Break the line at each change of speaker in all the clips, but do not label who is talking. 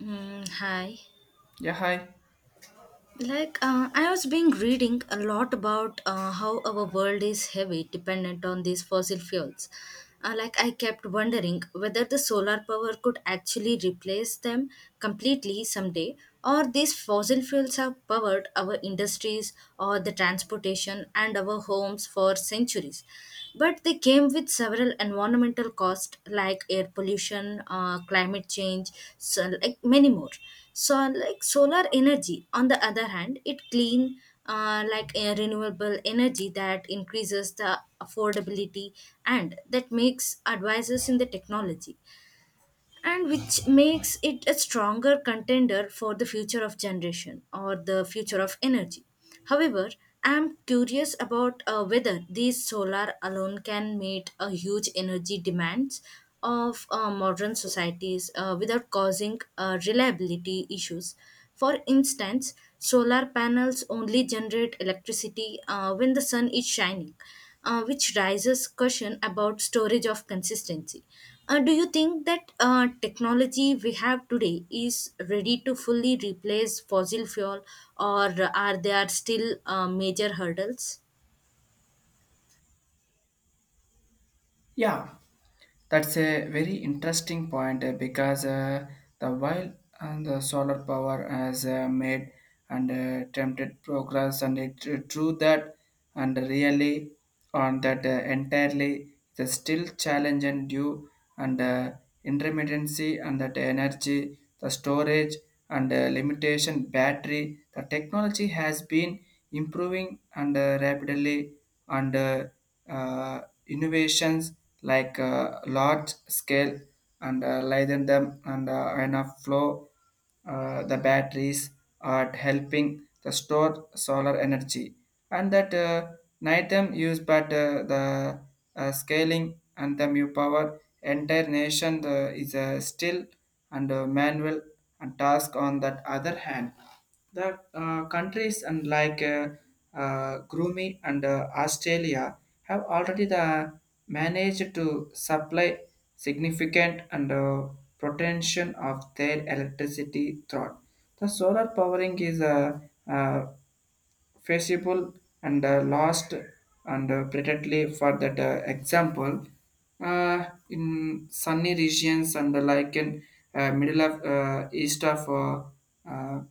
Hi.
Yeah, hi.
I was been reading a lot about how our world is heavy dependent on these fossil fuels. I kept wondering whether the solar power could actually replace them completely someday, or these fossil fuels have powered our industries or the transportation and our homes for centuries, but they came with several environmental costs like air pollution, climate change, so like many more. So like solar energy on the other hand it clean, like a renewable energy that increases the affordability and that makes advances in the technology and which makes it a stronger contender for the future of generation or the future of energy. However, I am curious about whether these solar alone can meet a huge energy demands of modern societies without causing reliability issues. For instance, solar panels only generate electricity when the sun is shining, which raises question about storage of consistency. Do you think that technology we have today is ready to fully replace fossil fuel, or are there still major hurdles?
Yeah, that's a very interesting point because the while and the solar power has made and tempted progress, and it true that and really on that entirely the still challenge and due and intermittency and that energy, the storage and limitation battery. The technology has been improving and rapidly and innovations like large scale and lighten them and enough flow the batteries are helping the store solar energy and that nitem use but the scaling and them you power entire nation is still and manual and task on that other hand the countries and like Grooming and Australia have already the managed to supply significant and protection of their electricity through. The solar powering is a uh, feasible and lost and pretendly for that example, uh, in sunny regions and like in middle of east of uh,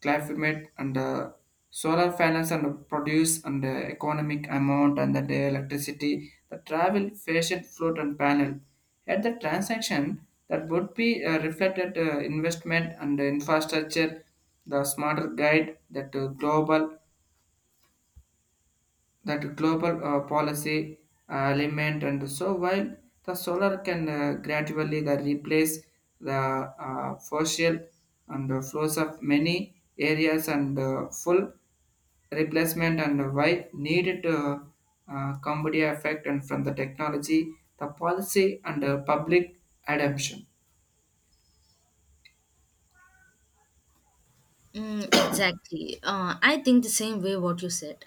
climate and solar panels and produce and economic amount and the day electricity the travel fashion float and panel at the transaction that would be reflected investment and infrastructure the smarter guide that global policy element and so while the solar can gradually the replace the fossil and the flows of many areas and full replacement and why needed comedy effect and from the technology the policy and public adoption.
Exactly. I think the same way what you said.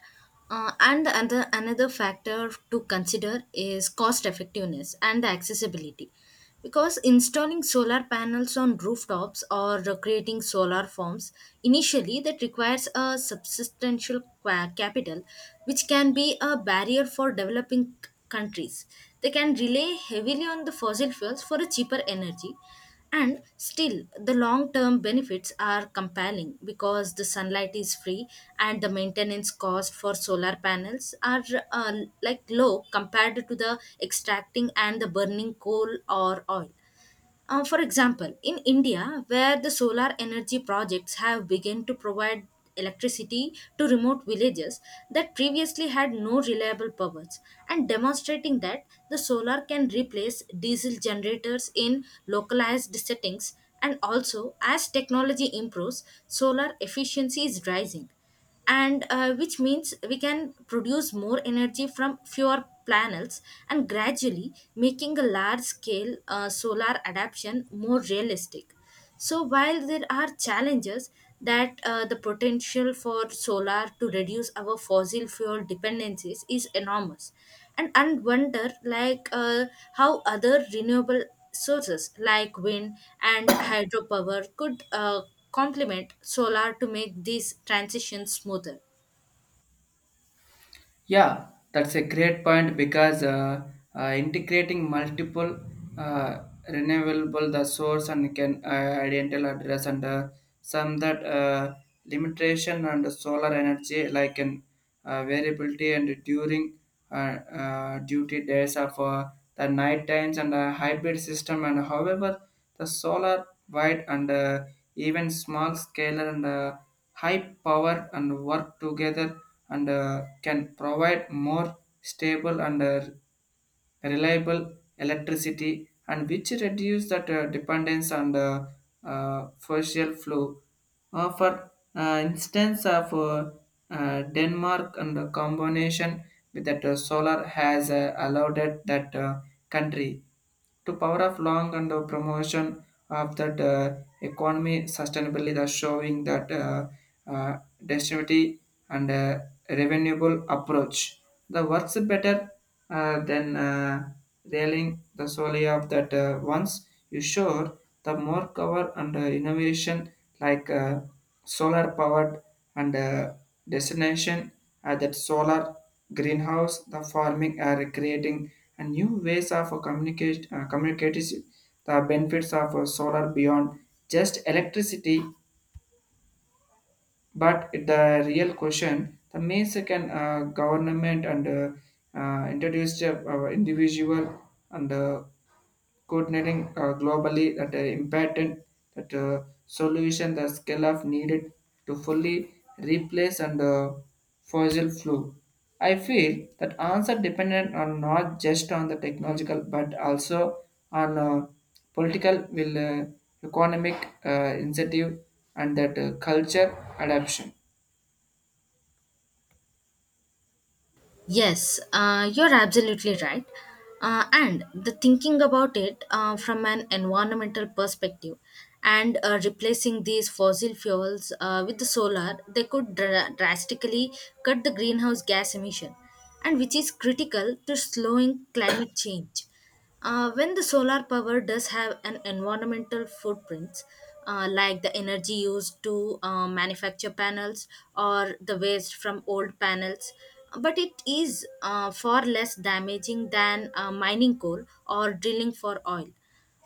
And the other, another factor to consider is cost effectiveness and the accessibility. Because installing solar panels on rooftops or creating solar farms initially that requires a capital, which can be a barrier for developing countries. They can rely heavily on the fossil fuels for a cheaper energy, and still, the long term benefits are compelling because the sunlight is free and the maintenance cost for solar panels are uh, like low compared to the extracting and the burning coal or oil. For example, in India, where the solar energy projects have begun to provide electricity to remote villages that previously had no reliable powers, and demonstrating that the solar can replace diesel generators in localized settings, and also as technology improves, solar efficiency is rising, and which means we can produce more energy from fewer planets and gradually making a large scale solar adaptation more realistic. So while there are challenges, that the potential for solar to reduce our fossil fuel dependencies is enormous, and wonder how other renewable sources like wind and hydropower could complement solar to make these transitions smoother.
Yeah, that's a great point because integrating multiple uh, renewable the source and can identical address and some that limitation and solar energy like an variability and during uh, duty days of the night times and hybrid system and however the solar wide and even small scale and high power and work together and can provide more stable and reliable electricity and which reduce that dependence on the fossil fuel. For instance of Denmark and the combination with that solar has allowed it that country to power of long and the promotion of that economy sustainably, thus showing that uh, distributive and revenueable approach the works better than railing the solely of that once you sure the more cover and innovation like solar powered and destination that solar greenhouse, the farming are creating a new ways of communication, communicating the benefits of solar beyond just electricity, but the real question, the means can government and introduce to our individual and coordinating globally that important that solution the scale of needed to fully replace and fossil fuel. I feel that answer dependent on not just on the technological but also on political will, economic incentive and that culture adaption.
Yes, you're absolutely right. And the thinking about it from an environmental perspective, and replacing these fossil fuels with the solar, they could drastically cut the greenhouse gas emission, and which is critical to slowing climate change. When the solar power does have an environmental footprint, like the energy used to manufacture panels or the waste from old panels, but it is far less damaging than mining coal or drilling for oil.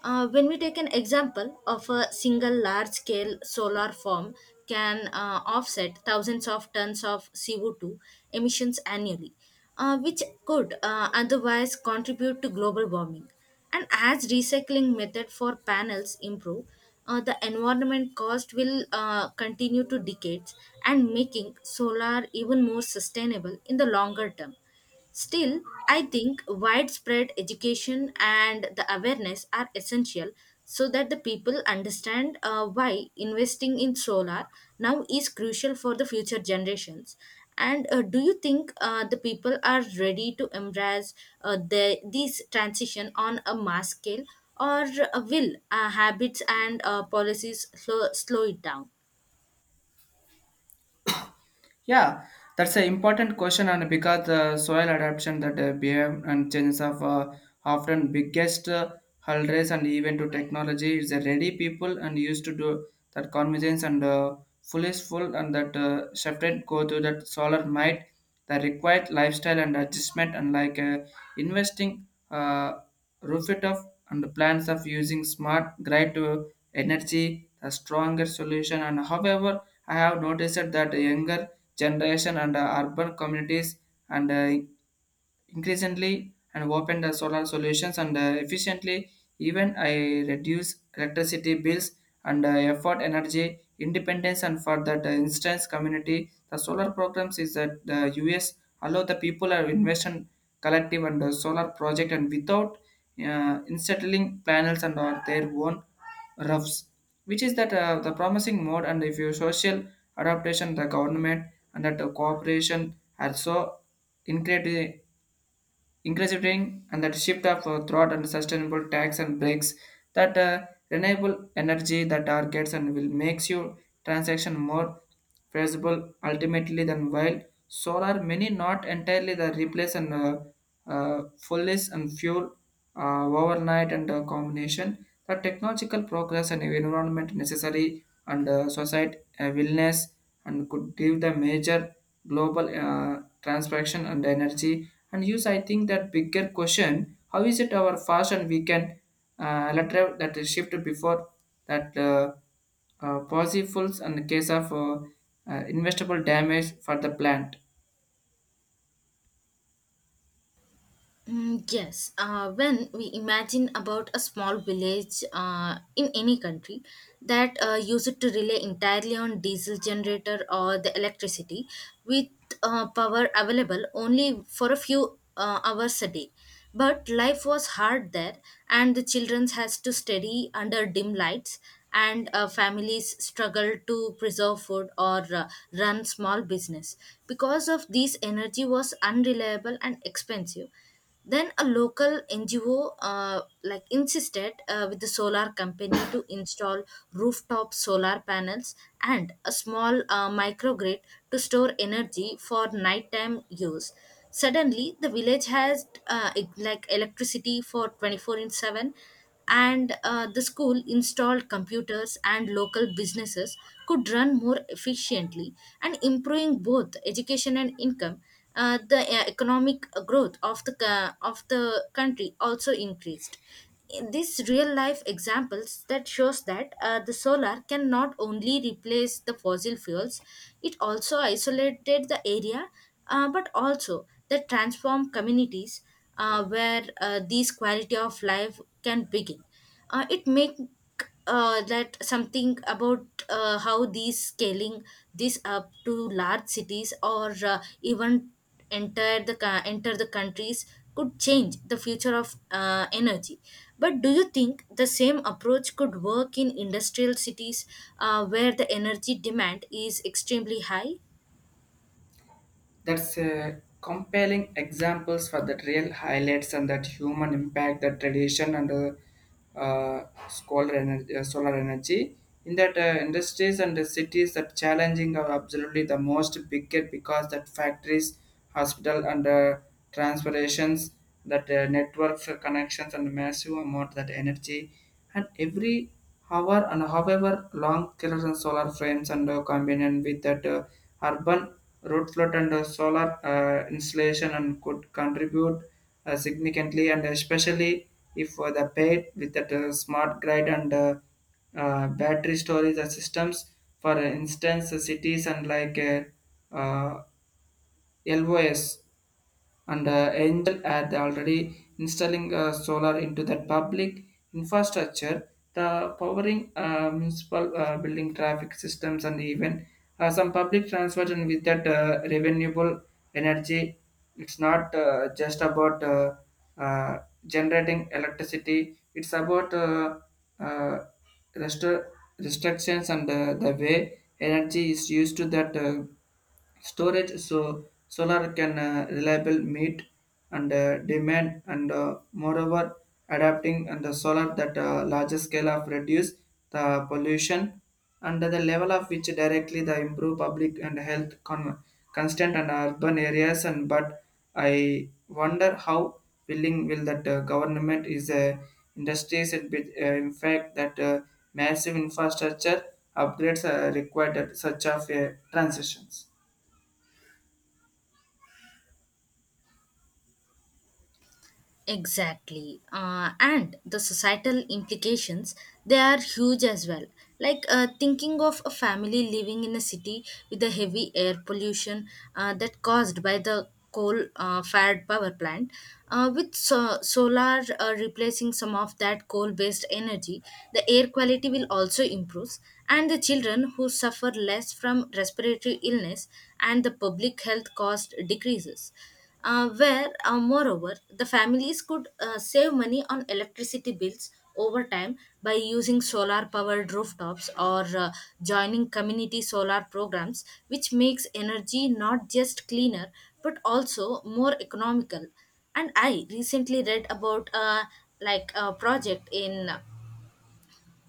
When we take an example of a single large scale solar farm, can offset thousands of tons of CO2 emissions annually, which could otherwise contribute to global warming. And as recycling method for panels improve, the environment cost will continue to decades and making solar even more sustainable in the longer term. Still, I think widespread education and the awareness are essential so that the people understand why investing in solar now is crucial for the future generations. And do you think the people are ready to embrace this transition on a mass scale, or will habits and policies slow it down?
Yeah, that's an important question and because soil adaption that behave and changes of often biggest hurdles and even to technology is a ready people and used to do that convenience and full is full and that shifted go to that solar might. The required lifestyle and adjustment, unlike investing roof it up and the plans of using smart grid to energy, the stronger solution. And however, I have noticed that the younger generation and urban communities and increasingly and open the solar solutions and efficiently even I reduce electricity bills and effort energy independence and for that instance community the solar programs is that the us allow the people are investment collective and solar project and without installing panels and their own roofs, which is that the promising mode. And if your social adaptation the government and that the cooperation are so incredibly increasing and that shift of thought and sustainable tax and breaks that renewable energy that targets and will makes your transaction more feasible ultimately than while solar many not entirely the replace and fullness and fuel overnight and combination the technological progress and environment necessary and society willingness and could give the major global transaction and energy and use. I think that bigger question how is it our fashion we can letter that is shift before that possible in the case of investable damage for the plant.
Yes, when we imagine about a small village in any country that use to rely entirely on diesel generator or the electricity with power available only for a few hours a day. But life was hard there, and the children has to study under dim lights, and families struggle to preserve food or run small business because of this energy was unreliable and expensive. Then a local NGO like insisted with the solar company to install rooftop solar panels and a small microgrid to store energy for nighttime use. Suddenly, the village has like electricity for 24 in 7, and the school installed computers and local businesses could run more efficiently and improving both education and income. The economic growth of the of the country also increased in this real life examples that shows that the solar can not only replace the fossil fuels, it also isolated the area, but also that transform communities where these quality of life can begin. It make that something about how these scaling this up to large cities or even enter the countries could change the future of energy. But do you think the same approach could work in industrial cities where the energy demand is extremely high?
That's compelling examples for the real highlights and that human impact, that tradition and solar energy. In that industries and the cities that challenging are absolutely the most bigger because that factories, hospital and transportations that network for connections and massive amount that energy and every hour and however long killers and solar frames and combined with that urban root flood and solar installation and could contribute significantly and especially if the paid with that smart grid and battery storage systems. For instance cities and like uh, LOS and aimed at the already installing solar into that public infrastructure, the powering municipal building traffic systems and even some public transport and with that renewable energy. It's not just about uh, generating electricity. It's about uh, rest- restrictions and the way energy is used to that. Storage so solar can reliable meet and demand and moreover adapting and the solar that larger scale of reduce the pollution and the level of which directly the improve public and health constant and urban areas. And but I wonder how willing will that government is industries in fact that massive infrastructure upgrades are required at such of transitions.
Exactly. And the societal implications, they are huge as well. Thinking of a family living in a city with the heavy air pollution that caused by the coal fired power plant, with solar replacing some of that coal based energy, the air quality will also improve. And the children who suffer less from respiratory illness and the public health cost decreases moreover, the families could save money on electricity bills over time by using solar powered rooftops or joining community solar programs, which makes energy not just cleaner but also more economical. And I recently read about a project in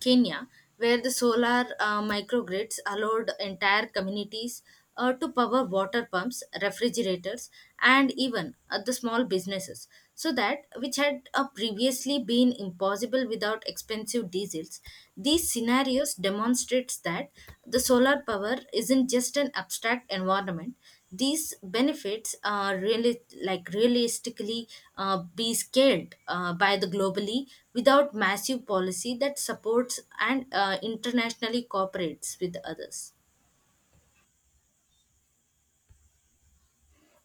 Kenya, where the solar microgrids allowed entire communities to power water pumps, refrigerators, and even the small businesses. So that which had previously been impossible without expensive diesels, these scenarios demonstrates that the solar power isn't just an abstract environment; these benefits are really like realistically be scaled by the globally without massive policy that supports and internationally cooperates with others.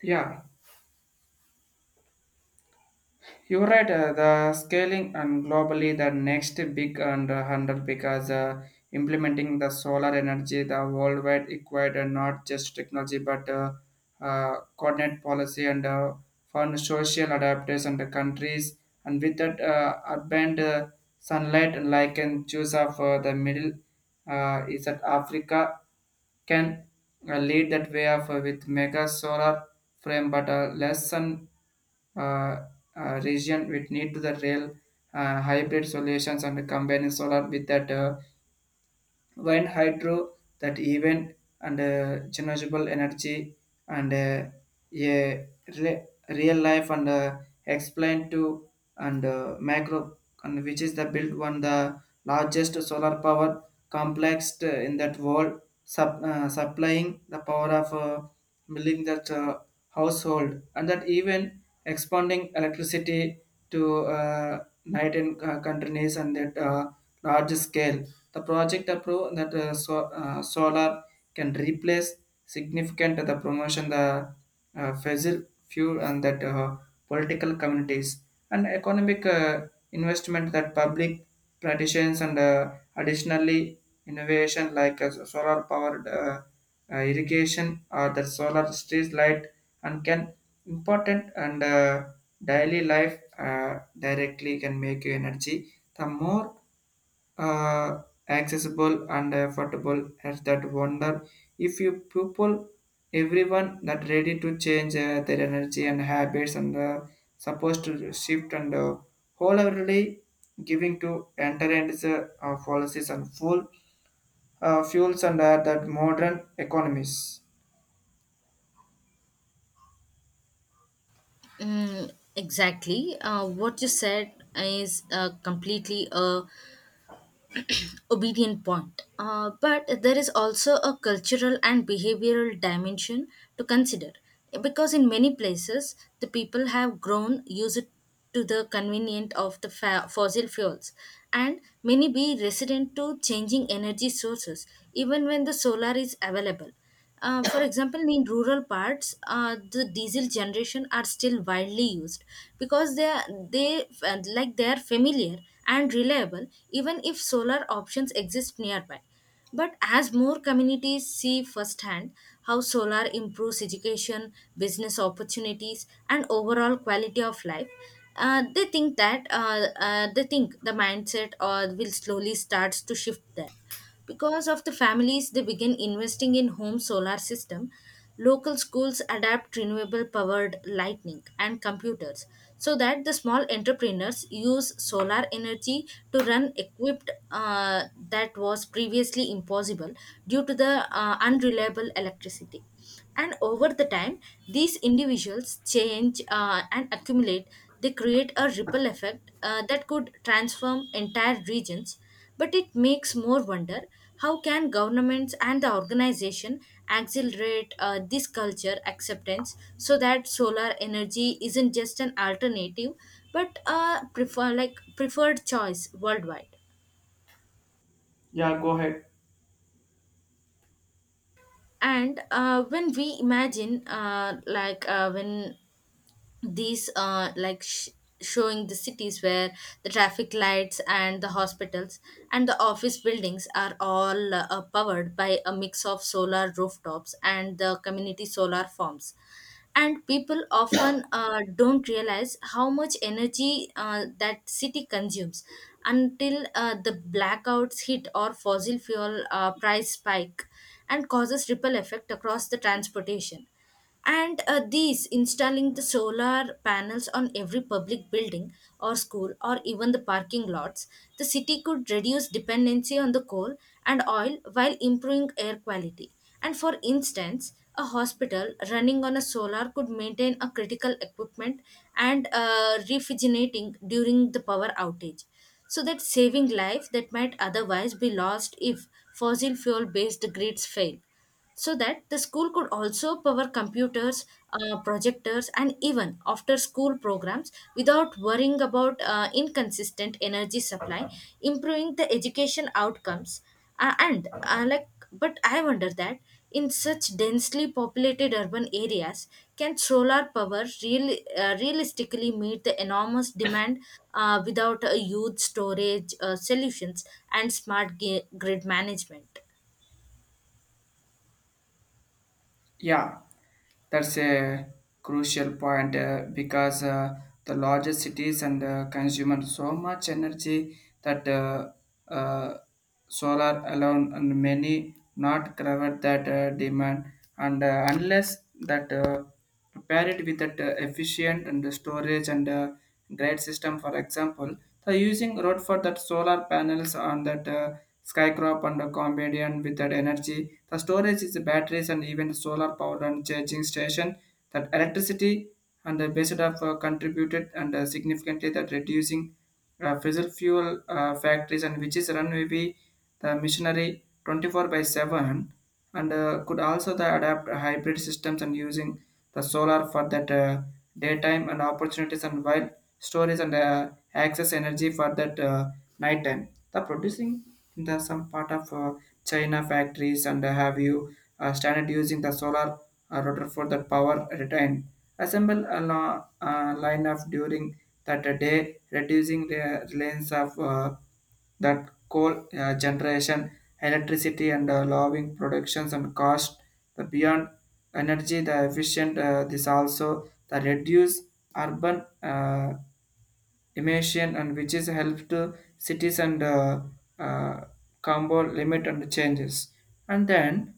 Yeah, you're right. The scaling and globally, the next big and handle because implementing the solar energy, the worldwide required not just technology but coordinate policy and fund social adaptation the countries and with that urban sunlight and like in choose of the middle is that Africa can lead that way of with mega solar frame but less sun uh, region with need to the rail hybrid solutions and combining solar with that wind hydro that event and renewable energy and a real life and explain to and macro and which is the built one the largest solar power complex in that world supplying the power of milling that household and that even expanding electricity to night and countries and that large scale. The project approved that solar can replace significant the promotion the fossil fuel and that political communities and economic investment that public practitioners and additionally innovation like solar powered irrigation or the solar street light and can important and daily life uh, directly can make you energy the more uh, accessible and affordable as that wonder if you people everyone that ready to change their energy and habits and supposed to shift and wholeheartedly giving to enter into policies and full fuels and that modern economies.
Mm, exactly. What you said is completely a obedient point. But there is also a cultural and behavioral dimension to consider because in many places the people have grown used to the convenient of the fossil fuels and many be resident to changing energy sources even when the solar is available. For example, in rural parts, the diesel generation are still widely used because they are, they like they are familiar and reliable, even if solar options exist nearby. But as more communities see firsthand how solar improves education, business opportunities, and overall quality of life, they think the mindset will slowly starts to shift there because of the families, they begin investing in home solar system. Local schools adapt renewable powered lighting and computers so that the small entrepreneurs use solar energy to run equipped that was previously impossible due to the unreliable electricity, and over the time these individuals change and accumulate, they create a ripple effect that could transform entire regions. But it makes more wonder, how can governments and the organization accelerate this culture acceptance so that solar energy isn't just an alternative but a preferred choice worldwide?
Yeah, go ahead.
And when we imagine like when these like sh- showing the cities where the traffic lights and the hospitals and the office buildings are all powered by a mix of solar rooftops and the community solar farms, and people often don't realize how much energy that city consumes until the blackouts hit or fossil fuel price spike and causes ripple effect across the transportation, and these installing the solar panels on every public building or school or even the parking lots, the city could reduce dependency on the coal and oil while improving air quality. And for instance, a hospital running on a solar could maintain a critical equipment and refrigerating during the power outage, so that saving life that might otherwise be lost if fossil fuel based grids fail, so that the school could also power computers, projectors, and even after school programs without worrying about inconsistent energy supply, improving the education outcomes. And like But I wonder that in such densely populated urban areas, can solar power realistically meet the enormous demand without a huge storage solutions and grid management?
Yeah, that's a crucial point because the larger cities and consume so much energy that uh, solar alone and many not cover that demand and unless that. Pair it with that efficient and storage and great system. For example the using road for that solar panels on that skycrop and a combination with that energy the storage is the batteries and even solar power and charging station that electricity and the based of contributed and significantly that reducing fossil fuel factories and which is run maybe the missionary 24 by 7 and could also the adapt hybrid systems and using the solar for that daytime and opportunities and while storage and access energy for that nighttime. The producing in the some part of China factories and have you started using the solar rotor for the power retain. Assemble a line of during that day, reducing the reliance of that coal generation, electricity, and lowering productions and cost. The beyond energy, the efficient. This also the reduce urban emission and which is help to cities and uh, combo limit and changes. And then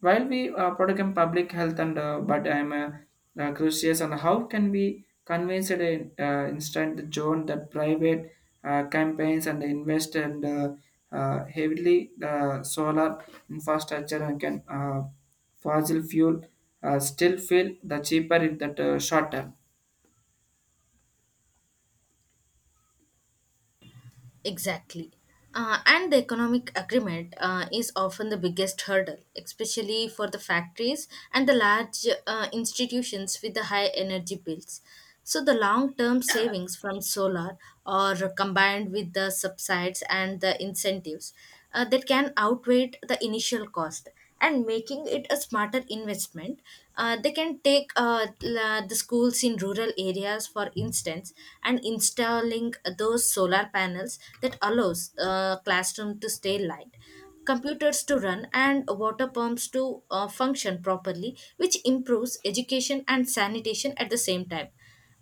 while we protect public health and but I'm curious on how can we convince it in instant the zone that private campaigns and invest and heavily solar infrastructure and can fossil fuel still feel the cheaper in that short term.
Exactly. And the economic agreement is often the biggest hurdle, especially for the factories and the large institutions with the high energy bills. So, the long term savings from solar are combined with the subsides and the incentives that can outweigh the initial cost and making it a smarter investment. They can take the schools in rural areas, for instance, and installing those solar panels that allows classroom to stay light, computers to run, and water pumps to function properly, which improves education and sanitation at the same time.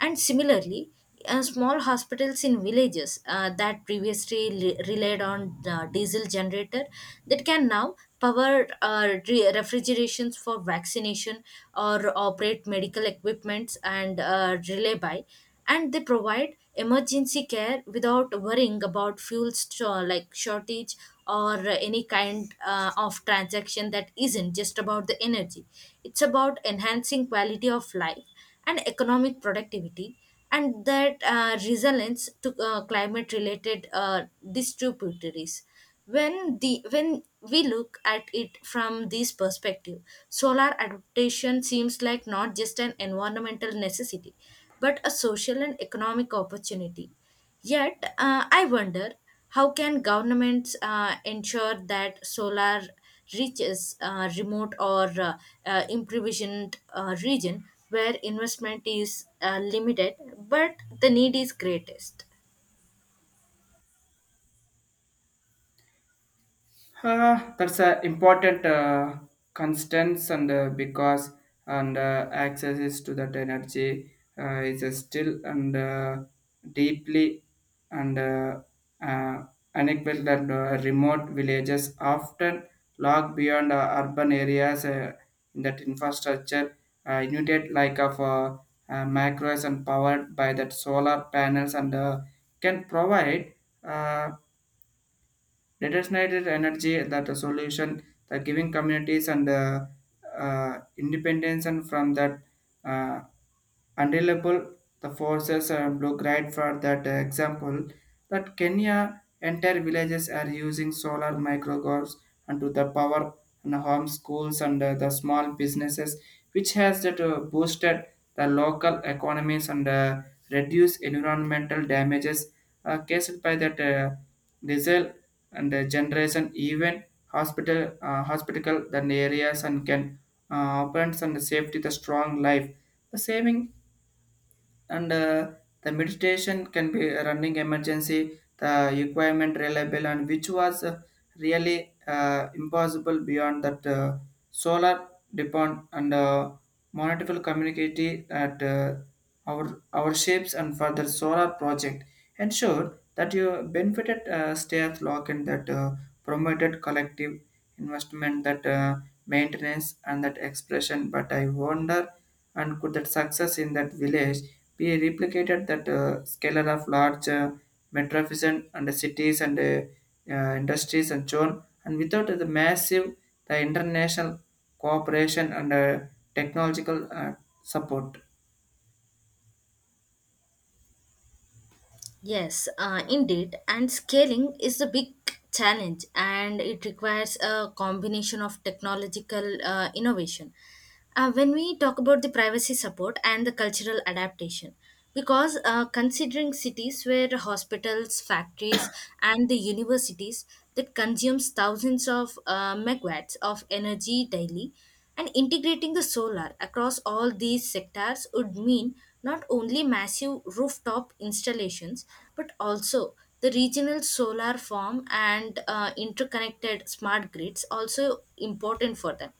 And similarly, small hospitals in villages that previously relied on the diesel generator that can now power refrigerations for vaccination or operate medical equipments and relay by, and they provide emergency care without worrying about fuel shortage or any kind of transaction that isn't just about the energy. It's about enhancing quality of life and economic productivity and that resilience to climate related distributaries. When we look at it from this perspective, solar adaptation seems like not just an environmental necessity, but a social and economic opportunity. Yet, I wonder, how can governments ensure that solar reaches remote or improvisioned region where investment is limited but the need is greatest.
That's an important constants, and because and access is to that energy is still and deeply and uh, unequal, that remote villages often lag beyond urban areas in that infrastructure unit like of macros and powered by that solar panels, and can provide uh, redesignated energy that a solution, the giving communities and independence and from that uh, unreliable the forces are blue grade. For that example, that Kenya, entire villages are using solar microgolfs and to the power and home schools and the small businesses, which has that boosted the local economies and reduce environmental damages caused by that diesel and generation. Even hospital hospital the areas and can operates and safety the strong life the saving, and the meditation can be running emergency the requirement reliable, and which was really impossible beyond that solar depend and monetary community at our shapes and for the solar project ensure that you benefited stairs lock, and that promoted collective investment, that maintenance and that expression. But I wonder, and could that success in that village be replicated that scalar of large metropolitan and the cities and industries and so on, and without the massive the international cooperation and technological support?
Yes, indeed. And scaling is a big challenge, and it requires a combination of technological innovation. When we talk about the privacy support and the cultural adaptation, because considering cities where hospitals, factories, and the universities that consumes thousands of megawatts of energy daily, and integrating the solar across all these sectors would mean not only massive rooftop installations, but also the regional solar farm and interconnected smart grids, also important for them.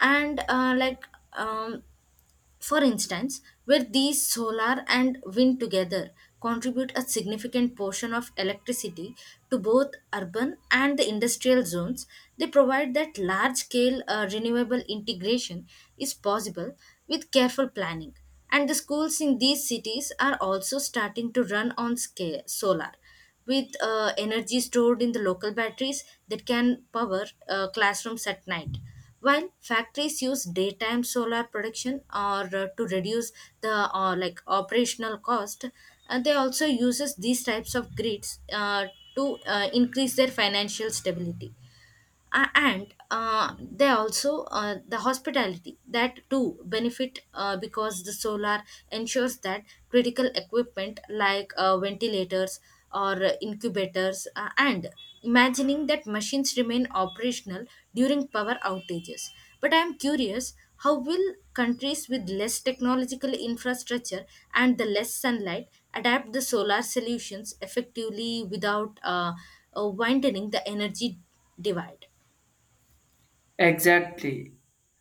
And like um, for instance, where these solar and wind together contribute a significant portion of electricity to both urban and the industrial zones, they provide that large scale renewable integration is possible with careful planning. And the schools in these cities are also starting to run on scale, solar with energy stored in the local batteries that can power classrooms at night. While factories use daytime solar production or to reduce the operational cost, they also uses these types of grids to increase their financial stability, and they also the hospitality that too benefit because the solar ensures that critical equipment like ventilators or incubators and imagining that machines remain operational during power outages. But I am curious, how will countries with less technological infrastructure and the less sunlight adapt the solar solutions effectively without widening the energy divide?
Exactly.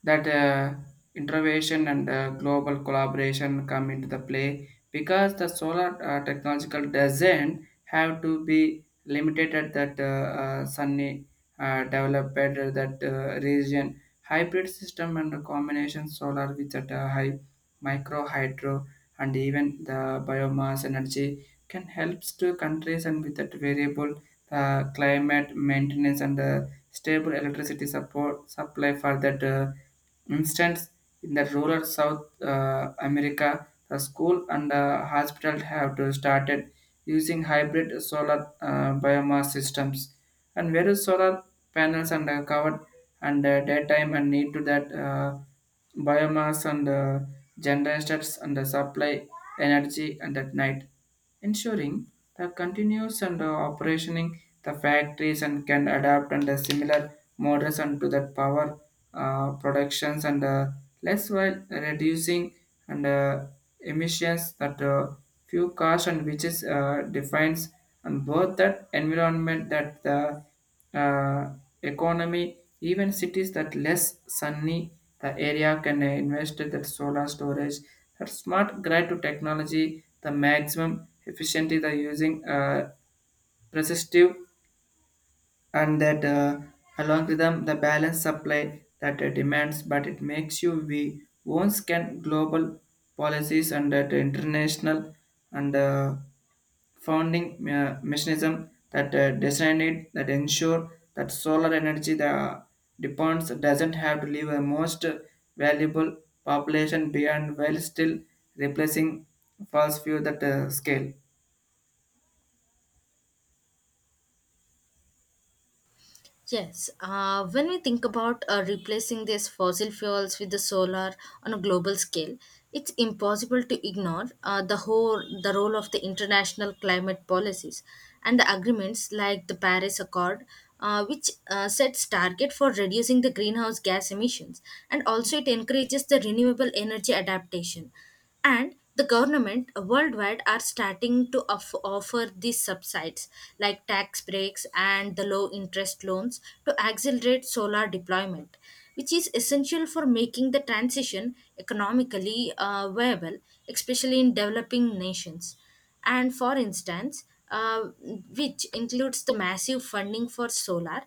That innovation and global collaboration come into the play, because the solar technological doesn't have to be limited at that sunny developed that region. Hybrid system and combination solar with that high micro hydro and even the biomass energy can help to countries and with that variable climate maintenance and stable electricity support supply. For that instance, in the rural south America, the school and hospital have to started using hybrid solar biomass systems and various solar panels and covered and daytime and need to that biomass and generators and supply energy and at night, ensuring the continuous and operationing the factories and can adapt under similar models and to that power productions and less, while reducing and emissions that few cars, and which is defines and both that environment that the uh, economy. Even cities that less sunny the area can invest in that solar storage, that smart grid to technology, the maximum efficiency the using resistive and that along with them the balanced supply that demands. But it makes you we once can global policies and that international and founding mechanism that designed it that ensure that solar energy the depends doesn't have to leave a most valuable population behind while still replacing fossil fuel that scale.
Yes, when we think about replacing these fossil fuels with the solar on a global scale, it's impossible to ignore the role of the international climate policies and the agreements like the Paris Accord, which sets target for reducing the greenhouse gas emissions, and also it encourages the renewable energy adaptation. And the government worldwide are starting to offer these subsidies like tax breaks and the low interest loans to accelerate solar deployment, which is essential for making the transition economically viable, especially in developing nations. And for instance, uh, which includes the massive funding for solar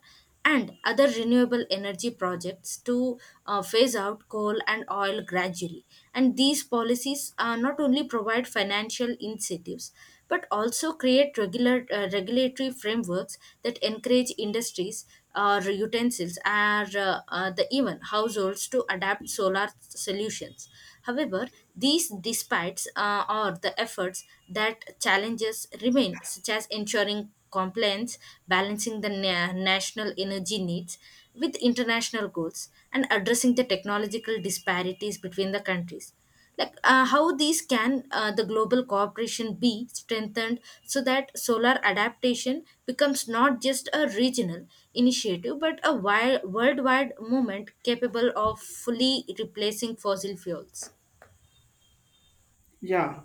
and other renewable energy projects to phase out coal and oil gradually. And these policies not only provide financial incentives, but also create regular regulatory frameworks that encourage industries or utensils or the even households to adapt solar solutions. However, these despite or the efforts, that challenges remain, such as ensuring compliance, balancing the national energy needs with international goals, and addressing the technological disparities between the countries. Like how these can the global cooperation be strengthened so that solar adaptation becomes not just a regional initiative, but a worldwide movement capable of fully replacing fossil fuels?
Yeah.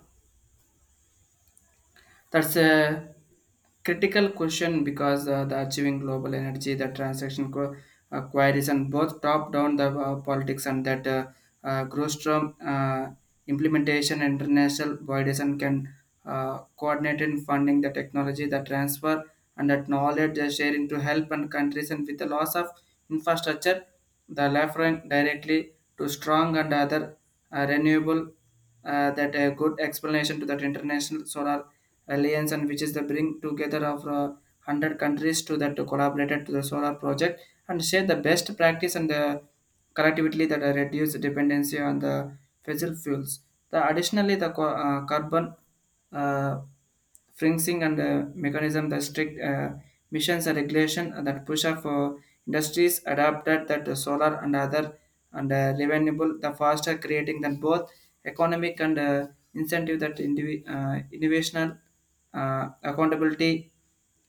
That's a critical question, because the achieving global energy, the transaction queries, and both top down the politics and that grows from implementation. International bodies and can coordinate in funding the technology, the transfer, and that knowledge sharing to help and countries. And with the loss of infrastructure, the referring directly to strong and other renewable that a good explanation to that international solar alliance, and which is the bring together of 100 countries to that collaborated to the solar project and share the best practice and the collectively that reduce dependency on the fossil fuels. The additionally the carbon uh, freezing and mechanism the strict missions and regulation that push up for industries adapted that the solar and other and renewable the faster, creating than both economic and incentive that innovational accountability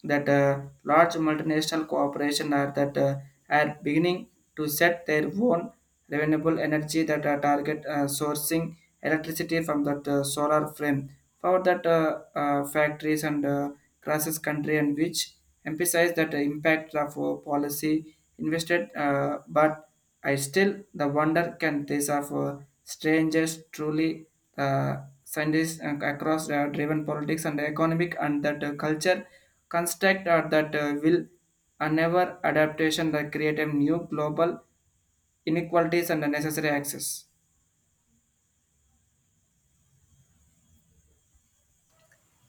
that large multinational corporations are that are beginning to set their own renewable energy that target sourcing electricity from that solar frame power that factories and crosses country, and which emphasize that impact of policy invested but I still the wonder, can these of strangers truly uh, scientists across driven politics and economic and that culture construct, or that will never adaptation that create a new global inequalities and unnecessary access?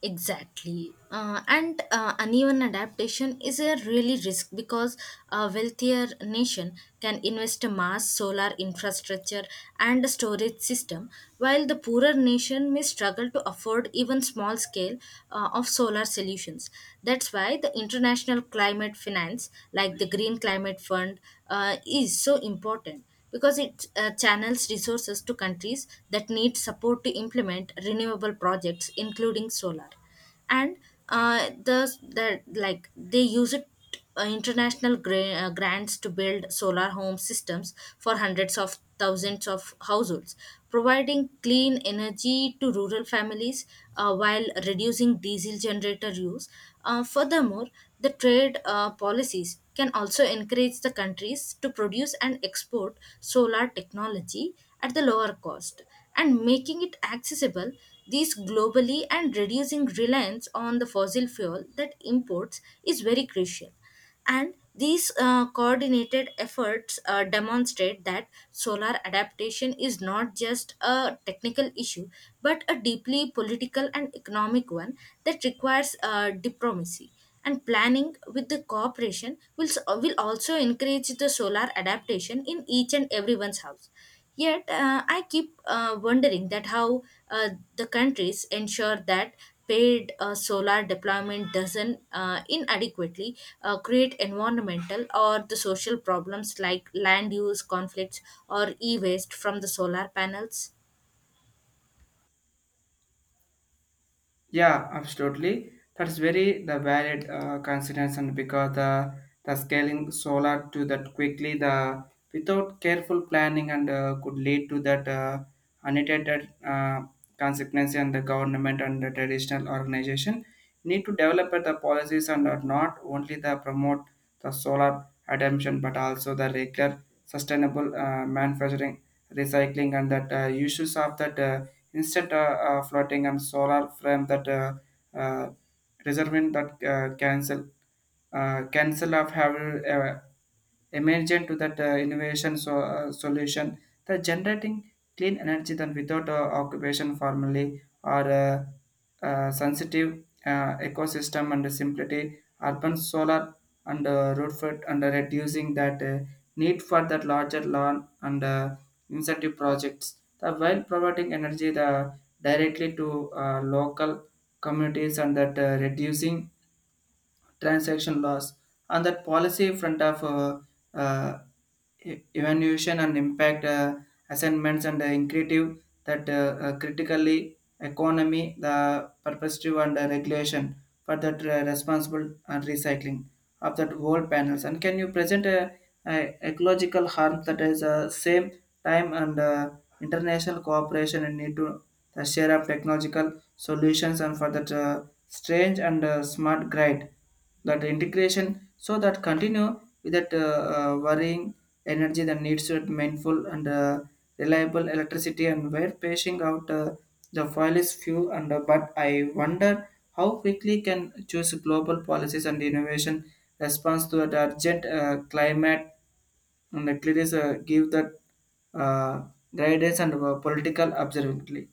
Exactly. And Uneven adaptation is a really risk, because a wealthier nation can invest a mass solar infrastructure and a storage system, while the poorer nation may struggle to afford even small scale of solar solutions. That's why the international climate finance, like the Green Climate Fund, is so important, because it channels resources to countries that need support to implement renewable projects including solar. And they use it international grants to build solar home systems for hundreds of thousands of households, providing clean energy to rural families, while reducing diesel generator use. Furthermore, the trade policies can also encourage the countries to produce and export solar technology at the lower cost and making it accessible these globally, and reducing reliance on the fossil fuel that imports is very crucial. And these coordinated efforts demonstrate that solar adaptation is not just a technical issue, but a deeply political and economic one, that requires diplomacy. And planning with the cooperation will, will also encourage the solar adaptation in each and everyone's house. Yet, I keep wondering that how uh, the countries ensure that paid solar deployment doesn't inadequately create environmental or the social problems like land use conflicts or e-waste from the solar panels.
Yeah, absolutely. That's very the valid consideration, because the scaling solar to that quickly the without careful planning and could lead to that unintended consequence. And the government and the traditional organization need to develop the policies, and are not only the promote the solar adoption but also the regular sustainable manufacturing, recycling and that uses of that instant floating and solar frame that uh, reserving that cancel cancel of have emergent to that innovation, so, solution that generating clean energy than without occupation formally or sensitive ecosystem and simplicity urban solar and root foot and reducing that need for that larger lawn and incentive projects. The while providing energy the directly to local communities and that reducing transaction loss. On that policy front of uh, evaluation and impact assignments and increative that critically economy the perspective and regulation for that responsible and recycling of that whole panels, and can you present a ecological harm that is same time and international cooperation and need to the share of technological solutions and for that strange and smart grind that integration so that continue without worrying energy that needs to be mindful and reliable electricity and where pacing out the file is few, and but I wonder how quickly can choose global policies and innovation response to the urgent climate, and at least give that uh, guidance and political observability.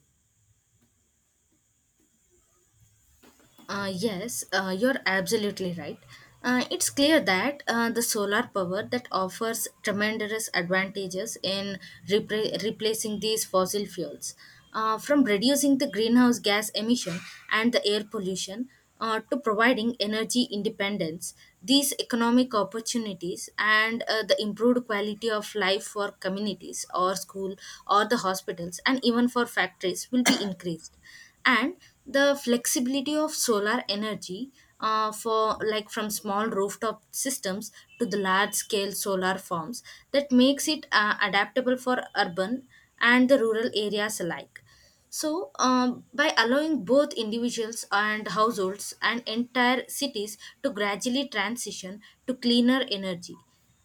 Yes, you're absolutely right. It's clear that the solar power that offers tremendous advantages in replacing these fossil fuels, from reducing the greenhouse gas emission and the air pollution to providing energy independence. These economic opportunities and the improved quality of life for communities or school or the hospitals and even for factories will be increased. And the flexibility of solar energy, for like from small rooftop systems to the large scale solar farms, that makes it adaptable for urban and the rural areas alike. So by allowing both individuals and households and entire cities to gradually transition to cleaner energy,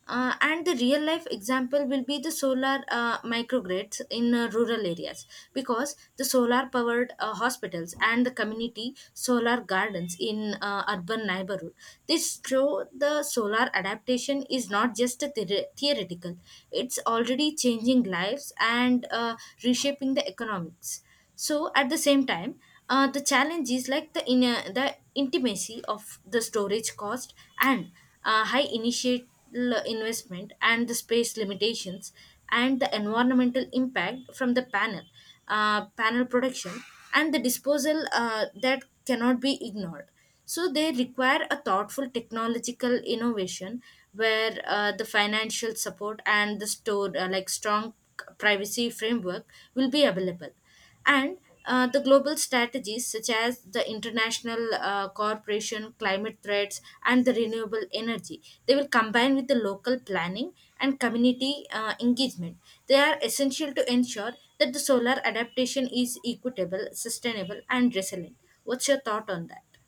and the real life example will be the solar microgrids in rural areas, because the solar powered hospitals and the community solar gardens in urban neighborhood, this show the solar adaptation is not just a theoretical, it's already changing lives and reshaping the economics. So at the same time, the challenge is like the in the intimacy of the storage cost and high initial investment and the space limitations and the environmental impact from the panel production and the disposal that cannot be ignored. So they require a thoughtful technological innovation where the financial support and the store like strong privacy framework will be available. And the global strategies, such as the international corporation climate threats and the renewable energy, they will combine with the local planning and community engagement, they are essential to ensure that the solar adaptation is equitable, sustainable, and resilient. What's your thought on that?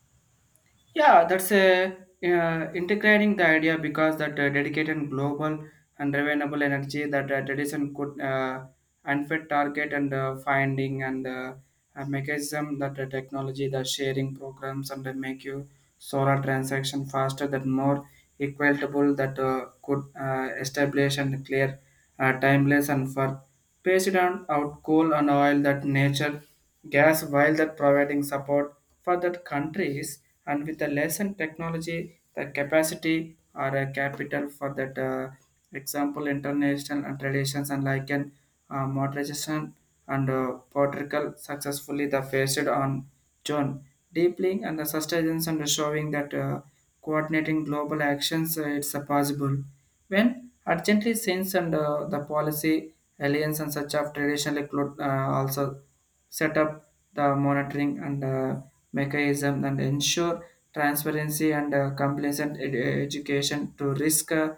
Yeah, that's a integrating the idea, because that dedicated global and renewable energy that tradition could unfit target and finding and a mechanism that the technology the sharing programs and make you solar transaction faster that more equitable that could establish and clear timeless and for President out coal and oil that nature gas, while that providing support for that countries and with the lessened technology the capacity or a capital for that example international and traditions, and like an modernization and Portugal successfully the faced on John deeply and the sustenance and showing that coordinating global actions it's possible when urgently since and the policy Alliance and such of traditionally include also set up the monitoring and mechanism and ensure transparency and compliance and education to risk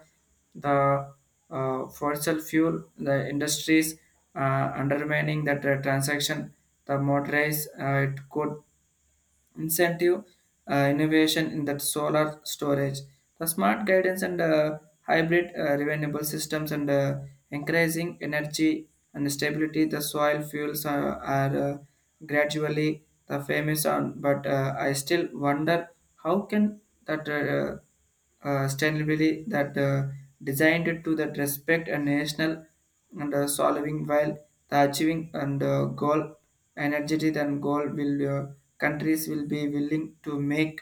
the fossil fuel the industries undermining that transaction the motorize it could incentive innovation in that solar storage, the smart guidance and hybrid renewable systems and increasing energy and stability. The soil fuels are gradually the famous on, but I still wonder how can that. Sustainability that designed to that respect and national and solving, while the achieving and goal energetic and goal will countries will be willing to make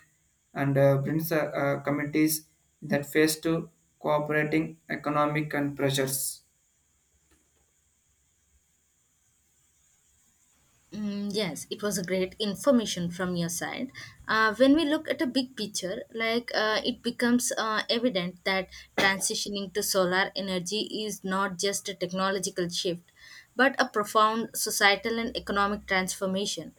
and brings committees that face to cooperating economic and pressures.
Mm, yes, it was a great information from your side. When we look at a big picture, like it becomes evident that transitioning to solar energy is not just a technological shift, but a profound societal and economic transformation,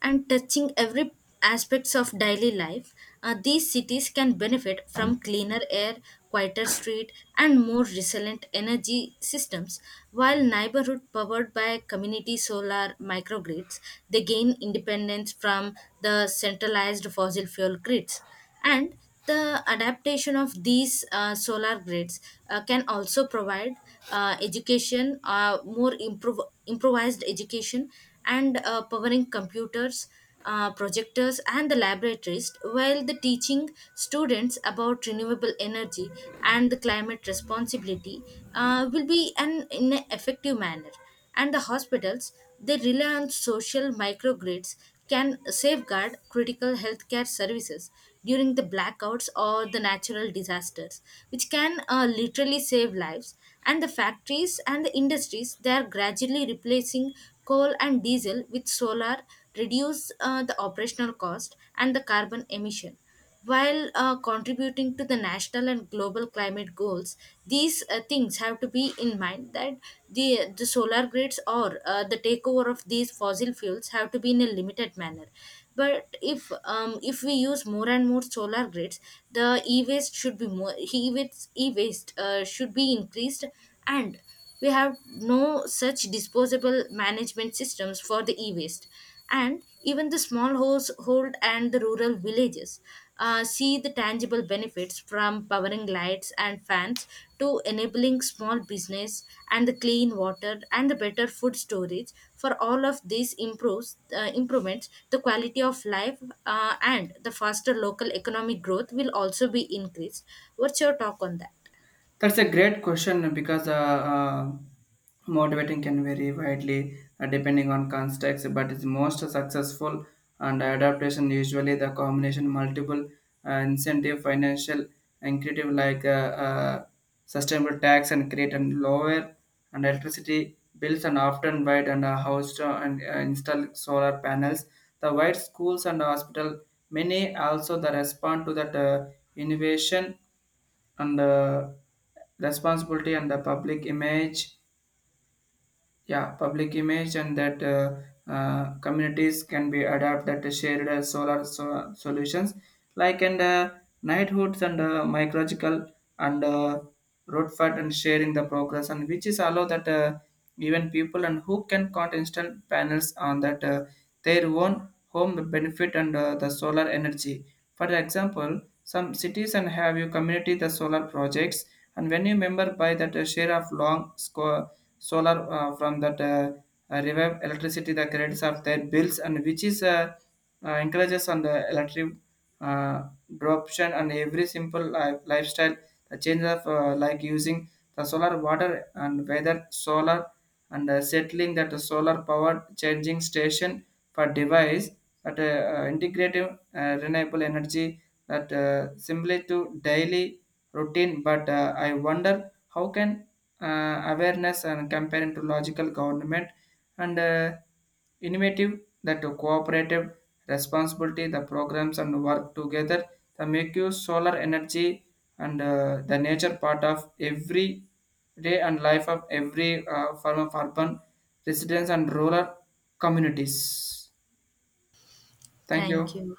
and touching every aspects of daily life. These cities can benefit from cleaner air, quieter street, and more resilient energy systems, while neighborhood powered by community solar microgrids, they gain independence from the centralized fossil fuel grids. And the adaptation of these solar grids can also provide education, more improvised education, and powering computers, projectors, and the laboratories, while the teaching students about renewable energy and the climate responsibility will be an in an effective manner. And the hospitals, they rely on social microgrids, can safeguard critical healthcare services during the blackouts or the natural disasters, which can literally save lives. And the factories and the industries, they are gradually replacing coal and diesel with solar, reduce the operational cost and the carbon emission, while contributing to the national and global climate goals. These things have to be in mind that the solar grids or the takeover of these fossil fuels have to be in a limited manner. But if we use more and more solar grids, the e-waste should be more e-waste should be increased. And we have no such disposable management systems for the e-waste. And even the small household and the rural villages see the tangible benefits from powering lights and fans, to enabling small business and the clean water and the better food storage. For all of these improves improvements the quality of life, and the faster local economic growth will also be increased. What's your talk on that?
That's a great question, because motivating can vary widely depending on context, but it's most successful and adaptation usually the combination multiple incentive, financial and creative like sustainable tax and create and lower and electricity bills, and often wide and house to, and install solar panels. The wide schools and hospital many also the respond to that innovation and responsibility and the public image. Yeah, public image, and that communities can be adapted to shared solutions like and knighthoods and mycological and road fat and sharing the progress, and which is allow that even people and who can count instant panels on that their own home benefit and the solar energy. For example, some cities and have your community the solar projects, and when you member buy that share of long solar from that revive electricity the credits of their bills, and which is encourages on the electric uh, adoption and every simple lifestyle the change of like using the solar water and weather solar and settling that solar power changing station for device that integrative renewable energy that simply to daily routine. But I wonder how can awareness and comparing to logical government and innovative that to cooperative responsibility the programs and work together to make you solar energy and the nature part of every day and life of every form of urban residents and rural communities. Thank
Thank
you.
you.